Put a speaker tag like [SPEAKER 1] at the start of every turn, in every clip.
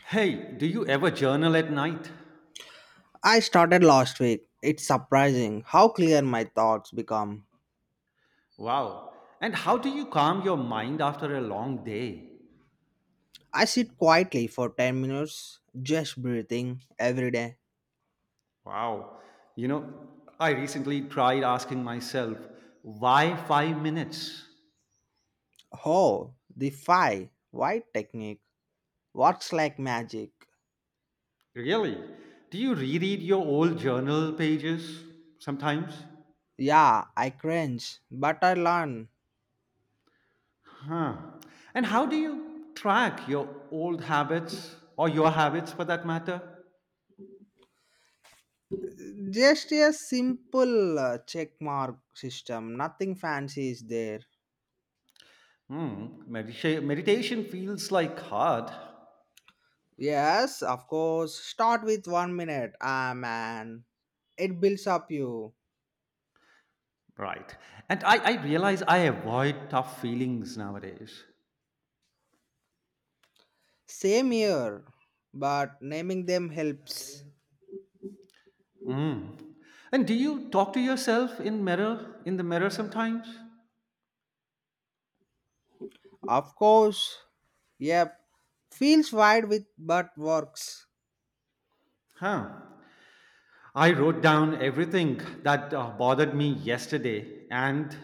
[SPEAKER 1] Hey, do you ever journal at night?
[SPEAKER 2] I started last week. It's surprising how clear my thoughts become.
[SPEAKER 1] Wow. And how do you calm your mind after a long day?
[SPEAKER 2] I sit quietly for 10 minutes, just breathing every day.
[SPEAKER 1] Wow. You know, I recently tried asking myself, why 5 minutes?
[SPEAKER 2] Oh, the five white technique. What's like magic?
[SPEAKER 1] Really? Do you reread your old journal pages sometimes?
[SPEAKER 2] Yeah, I cringe, but I learn.
[SPEAKER 1] Huh. And how do you track your old habits or your habits for that matter?
[SPEAKER 2] Just a simple check mark system, nothing fancy is there.
[SPEAKER 1] Hmm. Meditation feels like hard.
[SPEAKER 2] Yes, of course, start with 1 minute. Ah, man, it builds up you.
[SPEAKER 1] Right. And I realize I avoid tough feelings nowadays.
[SPEAKER 2] Same here, but naming them helps.
[SPEAKER 1] Mm. And do you talk to yourself in the mirror sometimes?
[SPEAKER 2] Of course, yep. Feels wide with but works.
[SPEAKER 1] Huh. I wrote down everything that bothered me yesterday and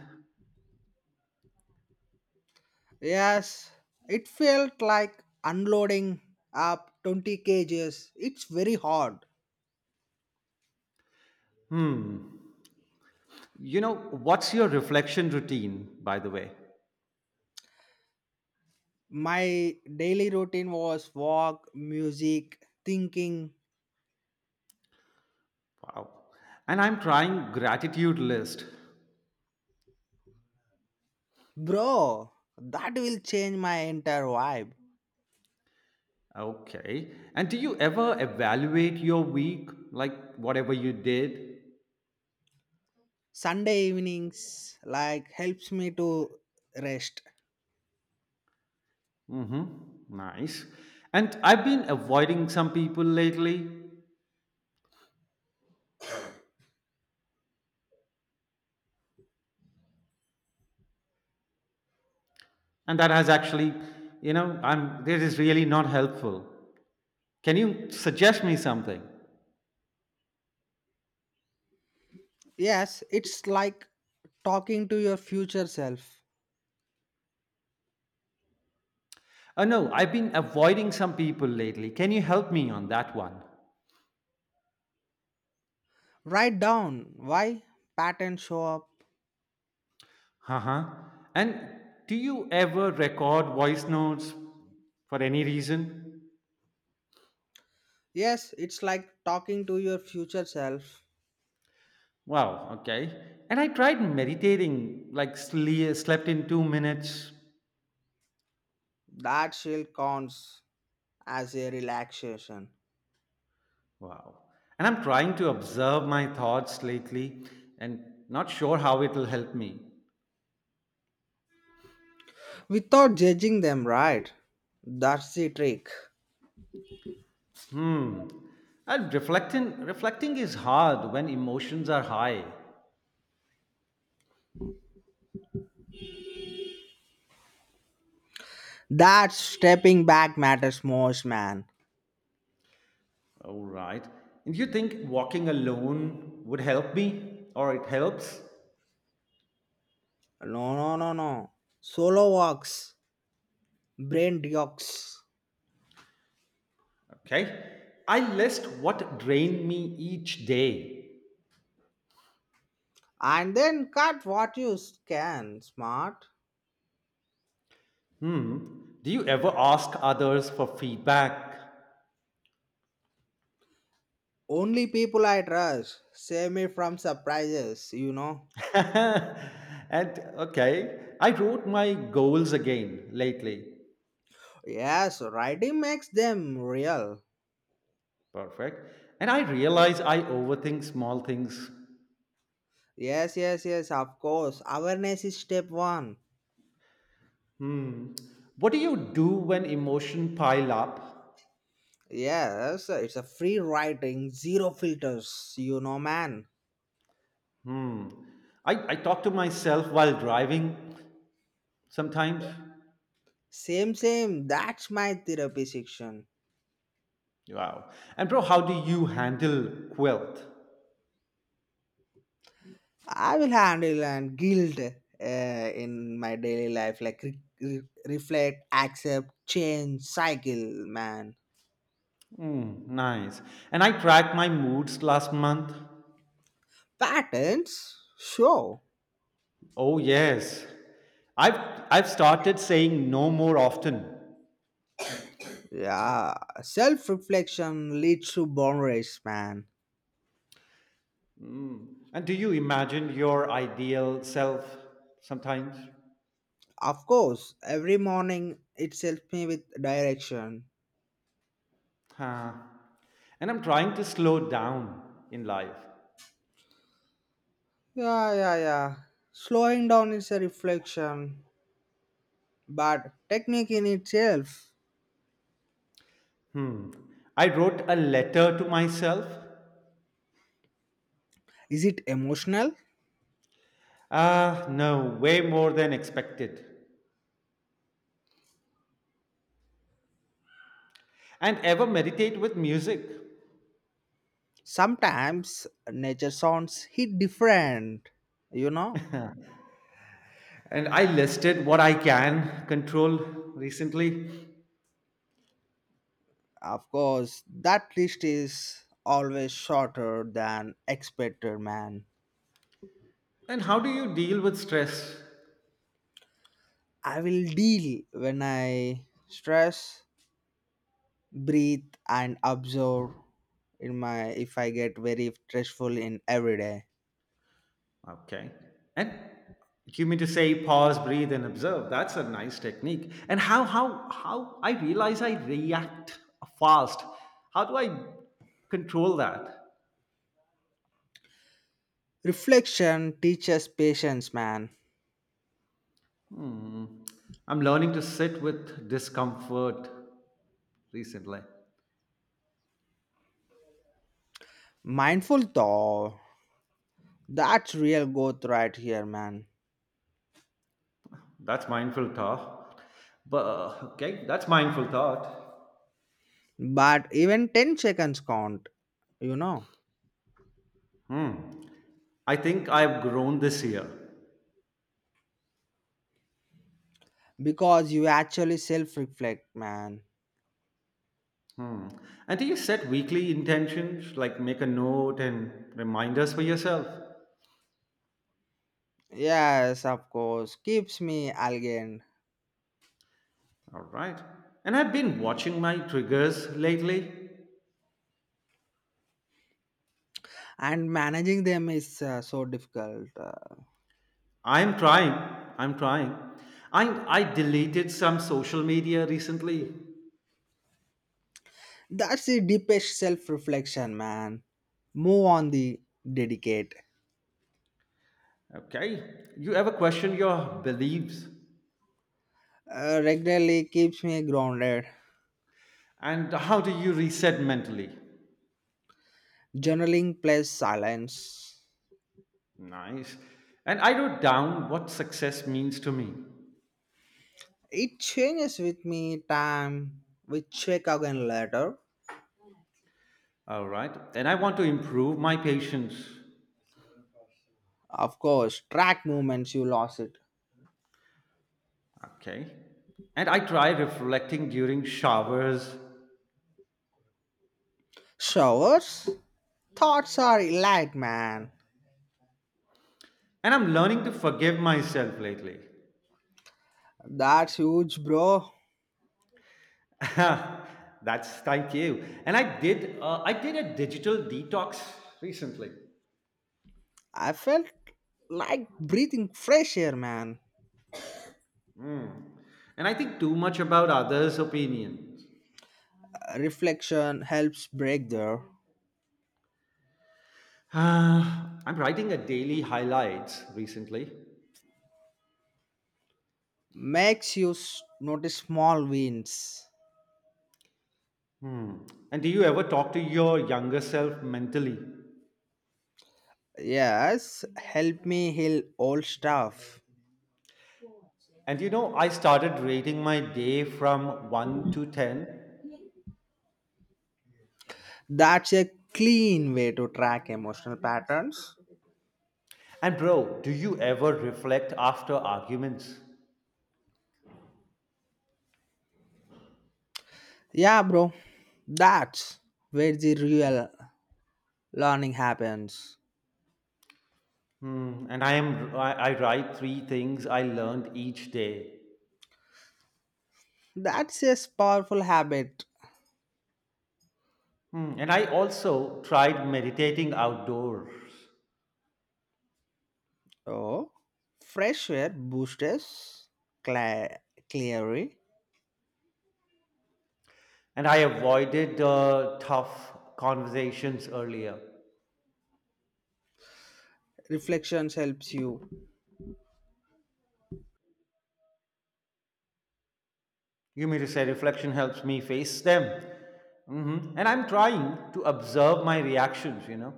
[SPEAKER 2] Yes, it felt like unloading up 20 kgs. It's very hard.
[SPEAKER 1] hmm what's your reflection routine by the way?
[SPEAKER 2] My daily routine was walk, music, thinking.
[SPEAKER 1] Wow. And I'm trying gratitude list.
[SPEAKER 2] Bro, that will change my entire vibe.
[SPEAKER 1] Okay. And do you ever evaluate your week like whatever you did?
[SPEAKER 2] Sunday evenings like helps me to rest.
[SPEAKER 1] Mm-hmm. Nice. And I've been avoiding some people lately, and that has actually, I'm this is really not helpful. Can you suggest me something?
[SPEAKER 2] Yes, it's like talking to your future self.
[SPEAKER 1] Oh no, I've been avoiding some people lately. Can you help me on that one?
[SPEAKER 2] Write down why patterns show up.
[SPEAKER 1] Uh-huh. And do you ever record voice notes for any reason?
[SPEAKER 2] Yes, it's like talking to your future self.
[SPEAKER 1] Wow, okay. And I tried meditating, like slept in 2 minutes.
[SPEAKER 2] That still counts as a relaxation
[SPEAKER 1] Wow. And I'm trying to observe my thoughts lately and not sure how it'll help me.
[SPEAKER 2] without judging them, right? That's the trick.
[SPEAKER 1] Hmm. And reflecting is hard when emotions are high.
[SPEAKER 2] That stepping back matters most, man.
[SPEAKER 1] All right. And you think walking alone would help me or it helps?
[SPEAKER 2] No, no, no, no. Solo walks, brain dukes,
[SPEAKER 1] Okay. I list what drained me each day.
[SPEAKER 2] and then cut what you can. Smart.
[SPEAKER 1] Hmm. Do you ever ask others for feedback?
[SPEAKER 2] Only people I trust save me from surprises, you know.
[SPEAKER 1] and okay, I wrote my goals again lately.
[SPEAKER 2] Yes, writing makes them real.
[SPEAKER 1] Perfect. And I realize I overthink small things.
[SPEAKER 2] Yes, yes, yes, of course. Awareness is step one.
[SPEAKER 1] Hmm. What do you do when emotion pile up?
[SPEAKER 2] Yes, it's a free writing, zero filters, you know, man.
[SPEAKER 1] Hmm. I talk to myself while driving sometimes.
[SPEAKER 2] Same, same. That's my therapy section.
[SPEAKER 1] Wow. And bro, how do you handle quilt?
[SPEAKER 2] I will handle and guilt in my daily life, like reflect, accept, change, cycle, man.
[SPEAKER 1] Hmm. Nice. And I tracked my moods last month.
[SPEAKER 2] Patterns, sure.
[SPEAKER 1] Oh yes. I've I've started saying no more often.
[SPEAKER 2] Yeah, self reflection leads to boundaries, man.
[SPEAKER 1] Mm. And do you imagine your ideal self sometimes?
[SPEAKER 2] Of course, every morning it helps me with direction.
[SPEAKER 1] Huh. And I'm trying to slow down in life.
[SPEAKER 2] Yeah, yeah, yeah. Slowing down is a reflection, but technique in itself.
[SPEAKER 1] Hmm. I wrote a letter to myself.
[SPEAKER 2] Is it emotional?
[SPEAKER 1] Ah, no, way more than expected. And ever meditate with music.
[SPEAKER 2] Sometimes nature sounds hit different, you know?
[SPEAKER 1] And I listed what I can control recently.
[SPEAKER 2] Of course, that list is always shorter than expected, man.
[SPEAKER 1] And how do you deal with stress?
[SPEAKER 2] I will deal when I stress breathe and absorb in my if I get very stressful in every day.
[SPEAKER 1] Okay. And you mean to say pause, breathe, and observe? That's a nice technique. And how I realize I react fast. How do I control that?
[SPEAKER 2] Reflection teaches patience, man.
[SPEAKER 1] Hmm. I'm learning to sit with discomfort recently.
[SPEAKER 2] Mindful thought, that's real growth right here, man.
[SPEAKER 1] That's mindful thought. But okay, that's mindful thought.
[SPEAKER 2] But even 10 seconds count, you know,
[SPEAKER 1] Hmm. I think I've grown this year.
[SPEAKER 2] because you actually self reflect, man.
[SPEAKER 1] Hmm. And do you set weekly intentions, like make a note and reminders for yourself?
[SPEAKER 2] Yes, of course, keeps me again.
[SPEAKER 1] All right. And I've been watching my triggers lately.
[SPEAKER 2] And managing them is so difficult
[SPEAKER 1] I'm trying. I'm trying. I I deleted some social media recently.
[SPEAKER 2] That's the deepest self reflection, man. Move on the dedicate.
[SPEAKER 1] Okay. You ever question your beliefs?
[SPEAKER 2] Regularly keeps me grounded.
[SPEAKER 1] And how do you reset mentally?
[SPEAKER 2] Journaling plus silence.
[SPEAKER 1] Nice. And I wrote down what success means to me.
[SPEAKER 2] It changes with me time. We check again later.
[SPEAKER 1] All right. And I want to improve my patience.
[SPEAKER 2] Of course, track movements, you lost it.
[SPEAKER 1] Okay. And I try reflecting during showers.
[SPEAKER 2] Showers? Thoughts are light, man.
[SPEAKER 1] And I'm learning to forgive myself lately.
[SPEAKER 2] That's huge, bro.
[SPEAKER 1] That's thank you. And I did a digital detox recently.
[SPEAKER 2] I felt like breathing fresh air, man.
[SPEAKER 1] And I think too much about others' opinions.
[SPEAKER 2] Reflection helps break there.
[SPEAKER 1] I'm writing a daily highlights recently.
[SPEAKER 2] Makes you notice small wins.
[SPEAKER 1] Hmm. And do you ever talk to your younger self mentally?
[SPEAKER 2] Yes, help me heal old stuff.
[SPEAKER 1] And I started rating my day from 1 to 10.
[SPEAKER 2] That's a clean way to track emotional patterns.
[SPEAKER 1] And bro, do you ever reflect after arguments?
[SPEAKER 2] Yeah, bro, that's where the real learning happens.
[SPEAKER 1] Hmm. And I write three things I learned each day.
[SPEAKER 2] That's a powerful habit.
[SPEAKER 1] Hmm. And I also tried meditating outdoors.
[SPEAKER 2] Oh, fresh air boosters, cla- clearly.
[SPEAKER 1] And I avoided tough conversations earlier.
[SPEAKER 2] Reflections helps you.
[SPEAKER 1] You mean to say reflection helps me face them? Hmm. And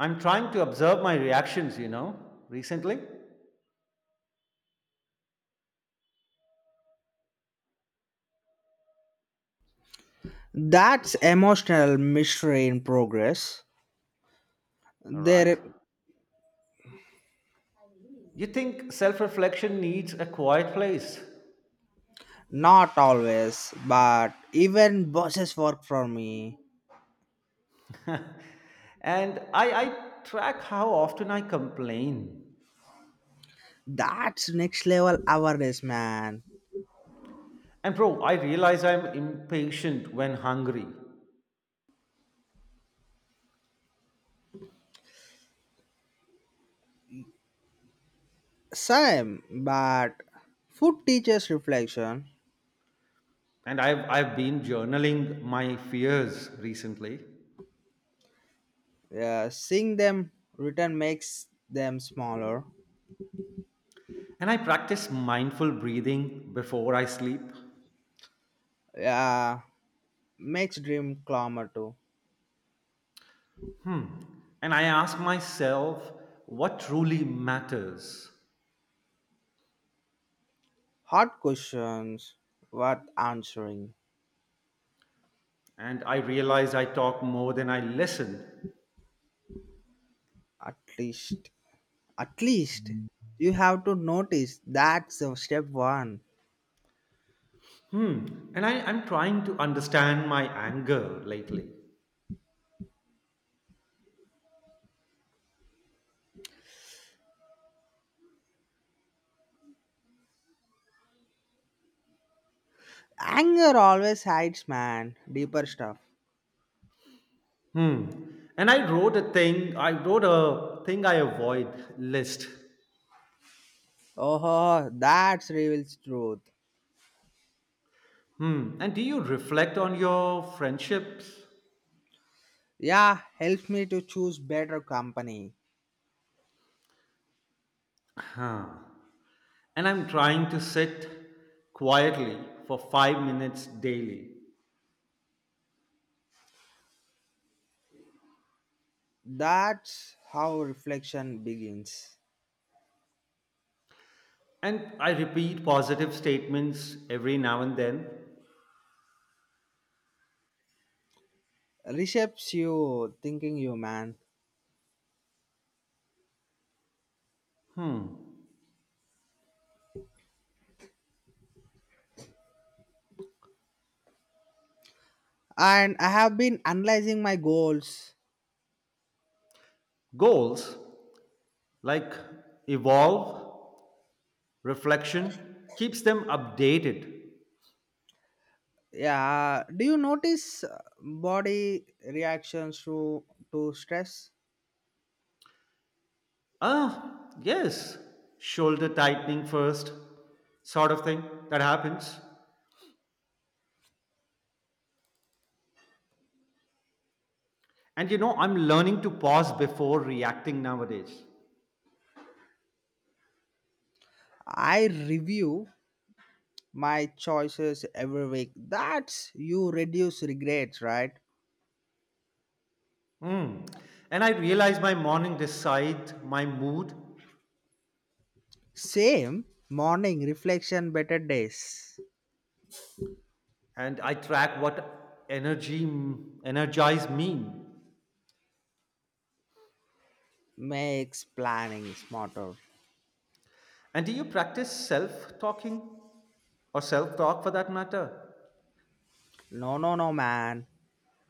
[SPEAKER 1] I'm trying to observe my reactions, recently.
[SPEAKER 2] That's emotional mystery in progress.
[SPEAKER 1] All
[SPEAKER 2] There.
[SPEAKER 1] right. You think self reflection needs a quiet place?
[SPEAKER 2] Not always, but even bosses work for me.
[SPEAKER 1] And I track how often I complain.
[SPEAKER 2] That's next level awareness, man.
[SPEAKER 1] And bro, I realize I'm impatient when hungry.
[SPEAKER 2] Same, but food teaches reflection.
[SPEAKER 1] And I've been journaling my fears recently.
[SPEAKER 2] Yeah, seeing them return makes them smaller.
[SPEAKER 1] And I practice mindful breathing before I sleep.
[SPEAKER 2] Yeah, makes dream calmer too.
[SPEAKER 1] Hmm. And I ask myself what truly matters.
[SPEAKER 2] Hard questions worth answering.
[SPEAKER 1] And I realize I talk more than I listen.
[SPEAKER 2] At least, at least you have to notice that's the step one.
[SPEAKER 1] Hmm. And I'm trying to understand my anger lately.
[SPEAKER 2] Anger always hides, man. Deeper stuff.
[SPEAKER 1] Hmm. And I wrote a thing I avoid list.
[SPEAKER 2] Oh, that reveals truth.
[SPEAKER 1] Hmm. And do you reflect on your friendships?
[SPEAKER 2] Yeah, helps me to choose better company.
[SPEAKER 1] Huh. And I'm trying to sit quietly for 5 minutes daily.
[SPEAKER 2] That's how reflection begins.
[SPEAKER 1] And I repeat positive statements every now and then.
[SPEAKER 2] Reshapes you, thinking you, man.
[SPEAKER 1] Hmm.
[SPEAKER 2] And I have been analyzing my goals.
[SPEAKER 1] Goals like evolve, reflection, keeps them updated.
[SPEAKER 2] Yeah, do you notice body reactions to stress?
[SPEAKER 1] Ah, yes. Shoulder tightening first, sort of thing that happens. And I'm learning to pause before reacting nowadays.
[SPEAKER 2] I review my choices every week. That's you reduce regrets, right?
[SPEAKER 1] Hmm. And I realize my morning decide my mood
[SPEAKER 2] Same morning reflection, better days.
[SPEAKER 1] and I track what energy energize me.
[SPEAKER 2] Makes planning smarter.
[SPEAKER 1] And do you practice self talking or self talk for that matter?
[SPEAKER 2] No, no, no, man.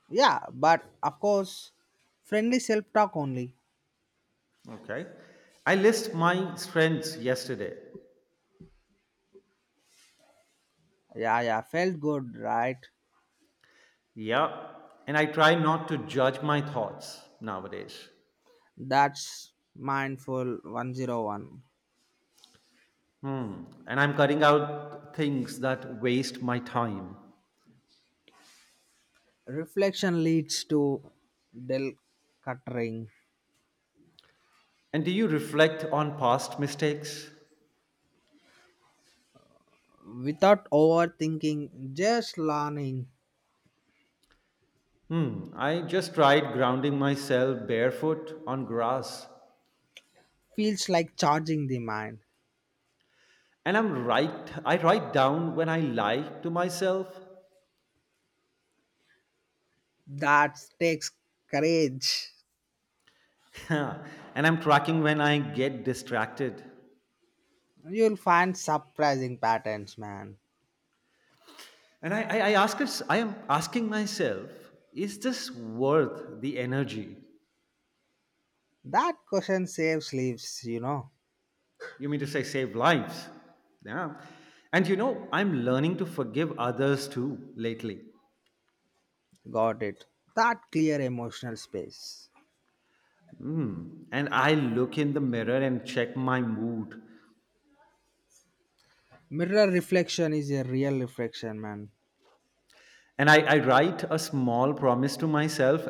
[SPEAKER 2] Yeah, but of course, friendly self talk only.
[SPEAKER 1] Okay. I list my strengths yesterday.
[SPEAKER 2] Yeah, yeah, felt good, right?
[SPEAKER 1] Yeah. And I try not to judge my thoughts nowadays.
[SPEAKER 2] That's mindful 101.
[SPEAKER 1] Hmm. And I'm cutting out things that waste my time.
[SPEAKER 2] Reflection leads to del cuttering.
[SPEAKER 1] And do you reflect on past mistakes?
[SPEAKER 2] Without overthinking, just learning
[SPEAKER 1] Hmm. I just tried grounding myself barefoot on grass.
[SPEAKER 2] feels like charging the mind.
[SPEAKER 1] And I write down when I lie to myself.
[SPEAKER 2] That takes courage.
[SPEAKER 1] and I'm tracking when I get distracted.
[SPEAKER 2] You'll find surprising patterns, man.
[SPEAKER 1] And I am asking myself, is this worth the energy?
[SPEAKER 2] That question saves lives, you know.
[SPEAKER 1] You mean to say save lives? Yeah. And I'm learning to forgive others too lately.
[SPEAKER 2] Got it. That clear emotional space.
[SPEAKER 1] Hmm. And I look in the mirror and check my mood.
[SPEAKER 2] Mirror reflection is a real reflection, man.
[SPEAKER 1] And I write a small promise to myself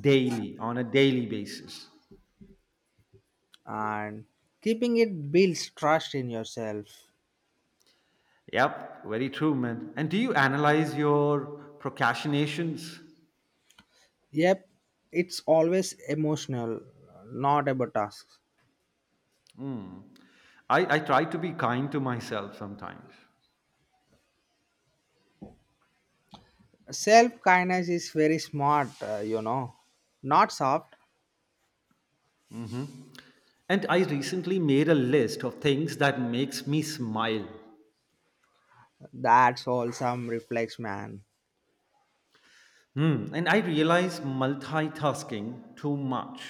[SPEAKER 1] daily, on a daily basis.
[SPEAKER 2] And keeping it builds trust in yourself.
[SPEAKER 1] Yep, very true, man. And do you analyze your procrastinations?
[SPEAKER 2] Yep, it's always emotional, not about tasks.
[SPEAKER 1] Mm. I try to be kind to myself sometimes.
[SPEAKER 2] Self kindness is very smart, you know. Not soft.
[SPEAKER 1] And I recently made a list of things that makes me smile.
[SPEAKER 2] That's all some reflex, man.
[SPEAKER 1] Hmm. And I realize multitasking too much.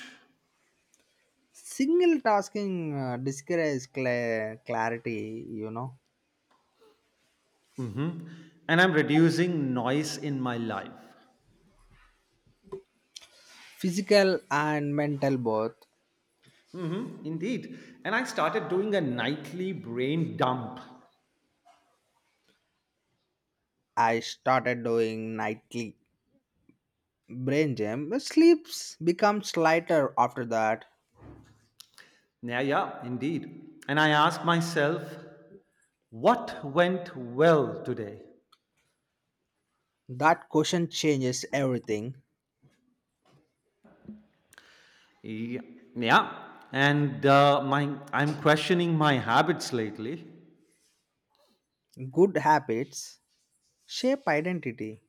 [SPEAKER 2] Single tasking discourages clarity, you know.
[SPEAKER 1] Hmm. And I'm reducing noise in my life.
[SPEAKER 2] Physical and mental both.
[SPEAKER 1] Hmm. Indeed. And I started doing a nightly brain dump.
[SPEAKER 2] I started doing nightly brain gym. Sleeps becomes lighter after that.
[SPEAKER 1] Yeah, yeah, indeed. And I ask myself, what went well today?
[SPEAKER 2] That question changes everything.
[SPEAKER 1] Yeah, yeah. And my I'm questioning my habits lately.
[SPEAKER 2] Good habits shape identity.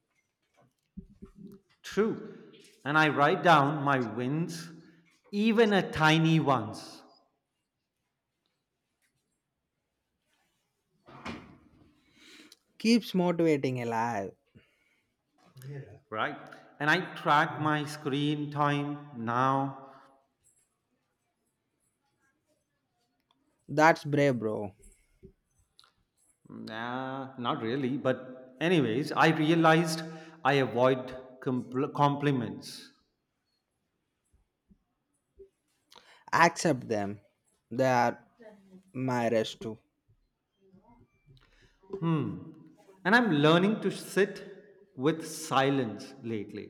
[SPEAKER 1] True, and I write down my wins, even a tiny ones,
[SPEAKER 2] Keeps motivating alive.
[SPEAKER 1] right? And I track my screen time now.
[SPEAKER 2] That's brave, bro.
[SPEAKER 1] Nah, not really, but anyways, I realized I avoid compliments.
[SPEAKER 2] Accept them. They are my rest too.
[SPEAKER 1] Hmm, and I'm learning to sit with silence lately.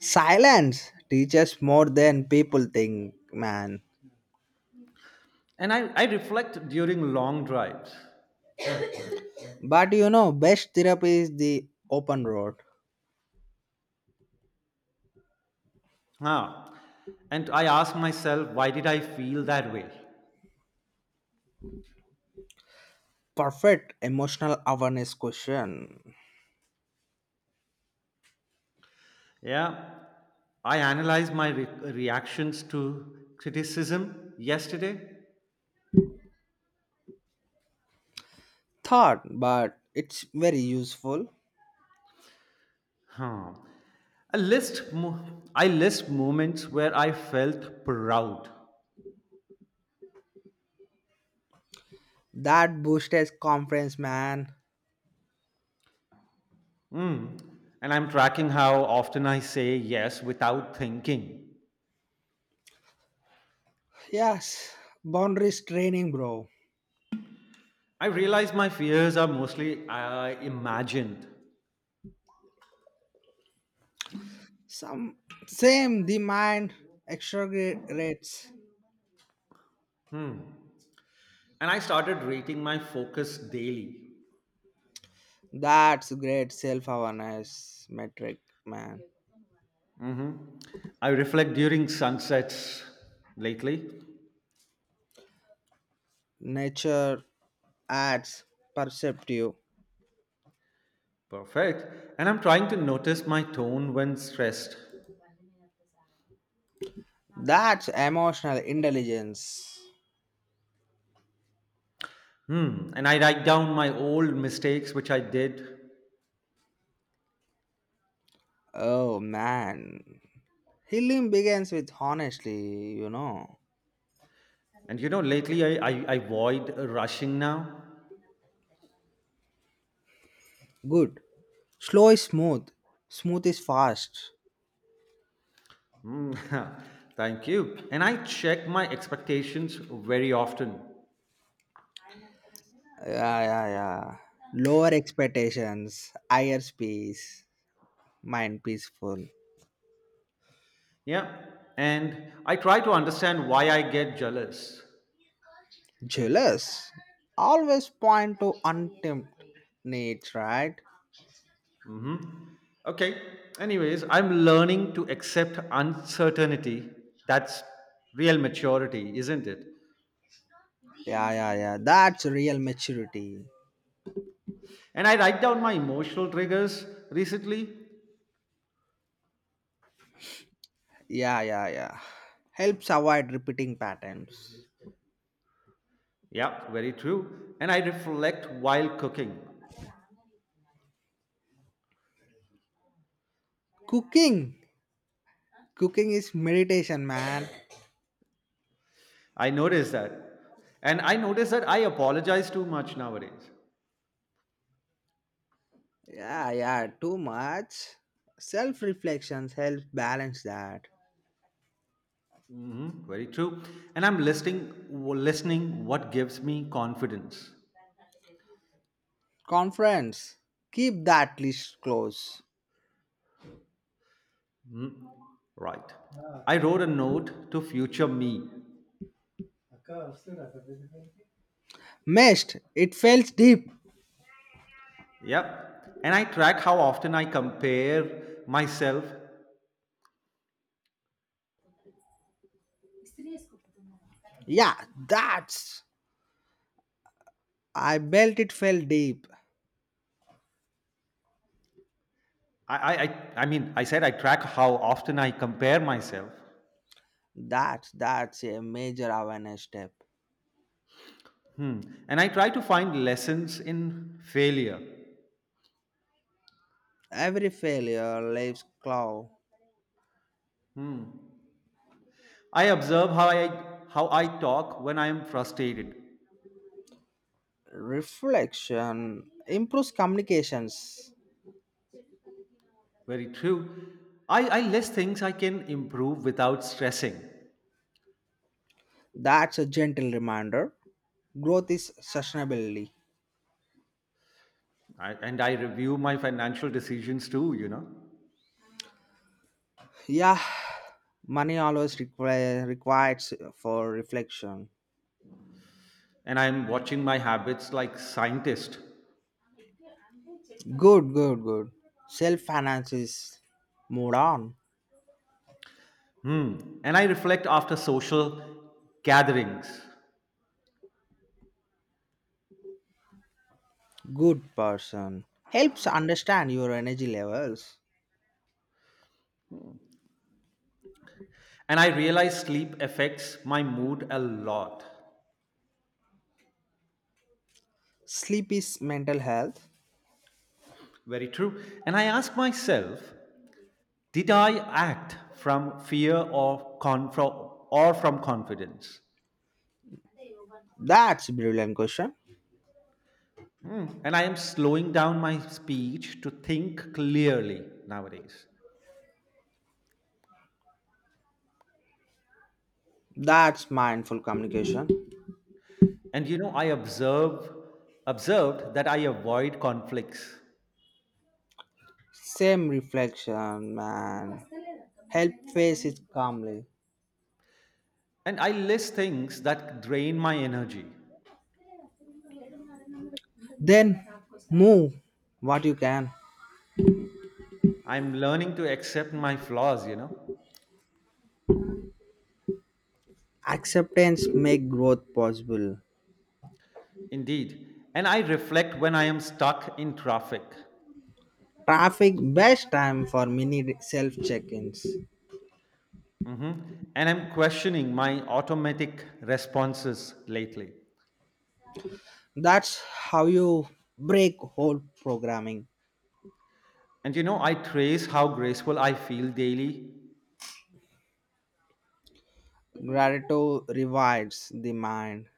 [SPEAKER 2] Silence teaches more than people think, man.
[SPEAKER 1] And I reflect during long drives.
[SPEAKER 2] But you know, best therapy is the open road.
[SPEAKER 1] Huh. And I ask myself, why did I feel that way?
[SPEAKER 2] Perfect emotional awareness question.
[SPEAKER 1] Yeah. I analyze my reactions to criticism yesterday.
[SPEAKER 2] Thought, but it's very useful.
[SPEAKER 1] Huh. I list moments where I felt proud.
[SPEAKER 2] That boost is conference, man.
[SPEAKER 1] And I'm tracking how often I say yes without thinking.
[SPEAKER 2] Yes, boundaries training, bro.
[SPEAKER 1] I realize my fears are mostly imagined.
[SPEAKER 2] Some Same, the mind exaggerates.
[SPEAKER 1] And I started rating my focus daily.
[SPEAKER 2] That's great self-awareness metric, man.
[SPEAKER 1] I reflect during sunsets lately.
[SPEAKER 2] Nature adds perceptive.
[SPEAKER 1] Perfect. And I'm trying to notice my tone when stressed.
[SPEAKER 2] That's emotional intelligence.
[SPEAKER 1] Hmm. And I write down my old mistakes which I did.
[SPEAKER 2] Oh man. Healing begins with honestly, you know.
[SPEAKER 1] And lately I avoid rushing now.
[SPEAKER 2] Good. Slow is smooth. Smooth is fast.
[SPEAKER 1] Hmm. Thank you. And I check my expectations very often.
[SPEAKER 2] Yeah, yeah, yeah. Lower expectations, higher space, mind peaceful.
[SPEAKER 1] Yeah. And I try to understand why I get jealous.
[SPEAKER 2] Jealous. Always point to untamed needs, right?
[SPEAKER 1] Mhm. Okay. Anyways, I'm learning to accept uncertainty. That's real maturity, isn't it?
[SPEAKER 2] Yeah, yeah, yeah. That's real maturity.
[SPEAKER 1] And I write down my emotional triggers recently.
[SPEAKER 2] Yeah, yeah, yeah. Helps avoid repeating patterns.
[SPEAKER 1] Yeah, very true. And I reflect while cooking.
[SPEAKER 2] Cooking. Cooking is meditation, man.
[SPEAKER 1] I notice that. And I notice that I apologize too much nowadays.
[SPEAKER 2] Yeah, yeah, too much. Self reflections help balance that.
[SPEAKER 1] Hmm, very true. And listening what gives me confidence.
[SPEAKER 2] Conference. Keep that list close.
[SPEAKER 1] Mhm. Right. I wrote a note to future me.
[SPEAKER 2] Missed. It felt deep.
[SPEAKER 1] Yep. And I track how often I compare myself.
[SPEAKER 2] Yeah, that's. I felt it fell deep.
[SPEAKER 1] I, I, I, I mean, I said I track how often I compare myself.
[SPEAKER 2] That's a major awareness step.
[SPEAKER 1] Hmm. And I try to find lessons in failure.
[SPEAKER 2] Every failure leaves claw.
[SPEAKER 1] I observe how I talk when I am frustrated.
[SPEAKER 2] Reflection improves communications.
[SPEAKER 1] Very true. I list things I can improve without stressing.
[SPEAKER 2] That's a gentle reminder. Growth is sustainability.
[SPEAKER 1] And I review my financial decisions too.
[SPEAKER 2] Yeah, money always requires for reflection.
[SPEAKER 1] And I'm watching my habits like scientist.
[SPEAKER 2] Good, good, good. Self finance is moved on.
[SPEAKER 1] Hmm. And I reflect after social gatherings.
[SPEAKER 2] Good person. Helps understand your energy levels.
[SPEAKER 1] And I realize sleep affects my mood a lot.
[SPEAKER 2] Sleep is mental health.
[SPEAKER 1] Very true. And I ask myself, did I act from fear or from confidence?
[SPEAKER 2] That's brilliant question.
[SPEAKER 1] Hmm. And I am slowing down my speech to think clearly nowadays.
[SPEAKER 2] That's mindful communication.
[SPEAKER 1] And I observe observed that I avoid conflicts
[SPEAKER 2] Same reflection, man. Help face it calmly.
[SPEAKER 1] and I list things that drain my energy.
[SPEAKER 2] Then move what you can.
[SPEAKER 1] I'm learning to accept my flaws.
[SPEAKER 2] Acceptance make growth possible.
[SPEAKER 1] Indeed. And I reflect when I am stuck in traffic.
[SPEAKER 2] Traffic best time for mini self check-ins.
[SPEAKER 1] Mhm. And I'm questioning my automatic responses lately.
[SPEAKER 2] That's how you break whole programming.
[SPEAKER 1] And I trace how graceful I feel daily,
[SPEAKER 2] Gratitude revives the mind.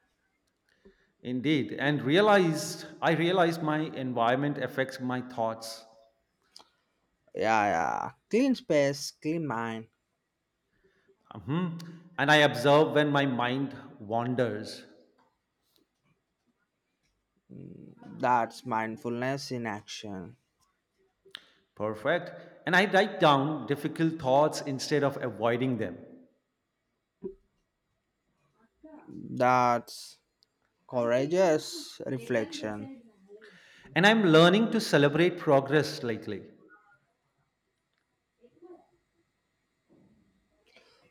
[SPEAKER 1] indeed, and realized I realize my environment affects my thoughts.
[SPEAKER 2] Yeah, yeah. Clean space, clean mind.
[SPEAKER 1] Mhm. And I observe when my mind wanders.
[SPEAKER 2] That's mindfulness in action.
[SPEAKER 1] Perfect. And I write down difficult thoughts instead of avoiding them.
[SPEAKER 2] That's courageous reflection.
[SPEAKER 1] And I'm learning to celebrate progress lately.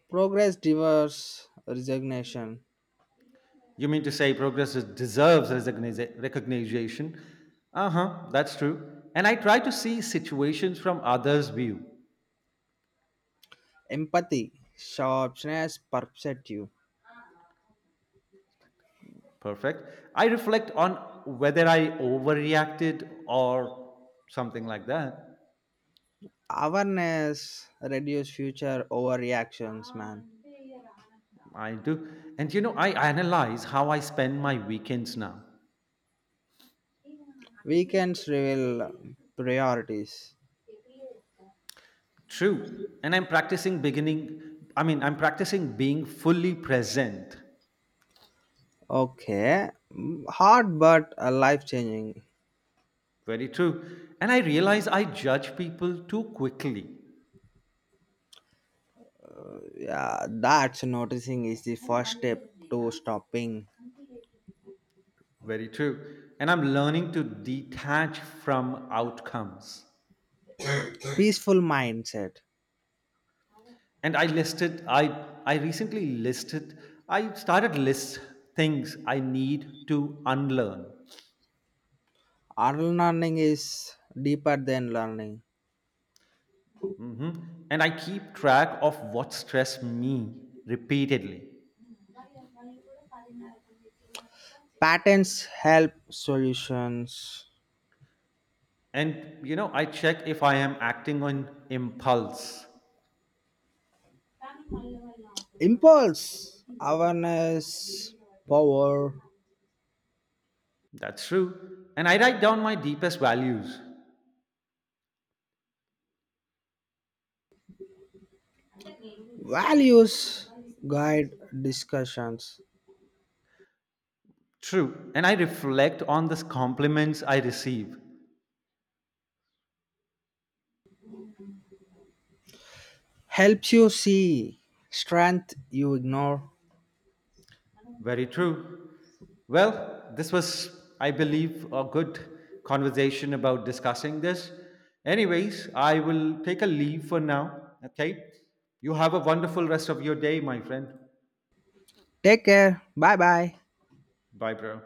[SPEAKER 2] Progress diverse resignation.
[SPEAKER 1] You mean to say deserves recognition? Uh huh, that's true. And I try to see situations from others' view.
[SPEAKER 2] Empathy, sharpness, perceptive.
[SPEAKER 1] Perfect. I reflect on whether I overreacted or something like that.
[SPEAKER 2] Awareness reduce future overreactions, man.
[SPEAKER 1] I do. And I analyze how I spend my weekends now.
[SPEAKER 2] Weekends reveal priorities.
[SPEAKER 1] True. And I mean, I'm practicing being fully present.
[SPEAKER 2] Okay, hard but life changing.
[SPEAKER 1] Very true. And I realize I judge people too quickly.
[SPEAKER 2] Yeah, that's noticing is the first step to stopping.
[SPEAKER 1] Very true. And I'm learning to detach from outcomes.
[SPEAKER 2] Peaceful mindset.
[SPEAKER 1] And i recently listed I started list things I need to unlearn.
[SPEAKER 2] Unlearning is deeper than learning.
[SPEAKER 1] Mhm. And I keep track of what stressed me repeatedly.
[SPEAKER 2] Patterns help solutions.
[SPEAKER 1] And I check if I am acting on impulse.
[SPEAKER 2] Impulse, awareness, power,
[SPEAKER 1] That's true. And I write down my deepest values.
[SPEAKER 2] values guide discussions.
[SPEAKER 1] True. And I reflect on the compliments I receive.
[SPEAKER 2] Helps you see strength you ignore.
[SPEAKER 1] Very true. Well, this was, I believe, a good conversation about discussing this. Anyways, I will take a leave for now. Okay. You have a wonderful rest of your day, my friend.
[SPEAKER 2] Take care. Bye bye.
[SPEAKER 1] Bye, bro.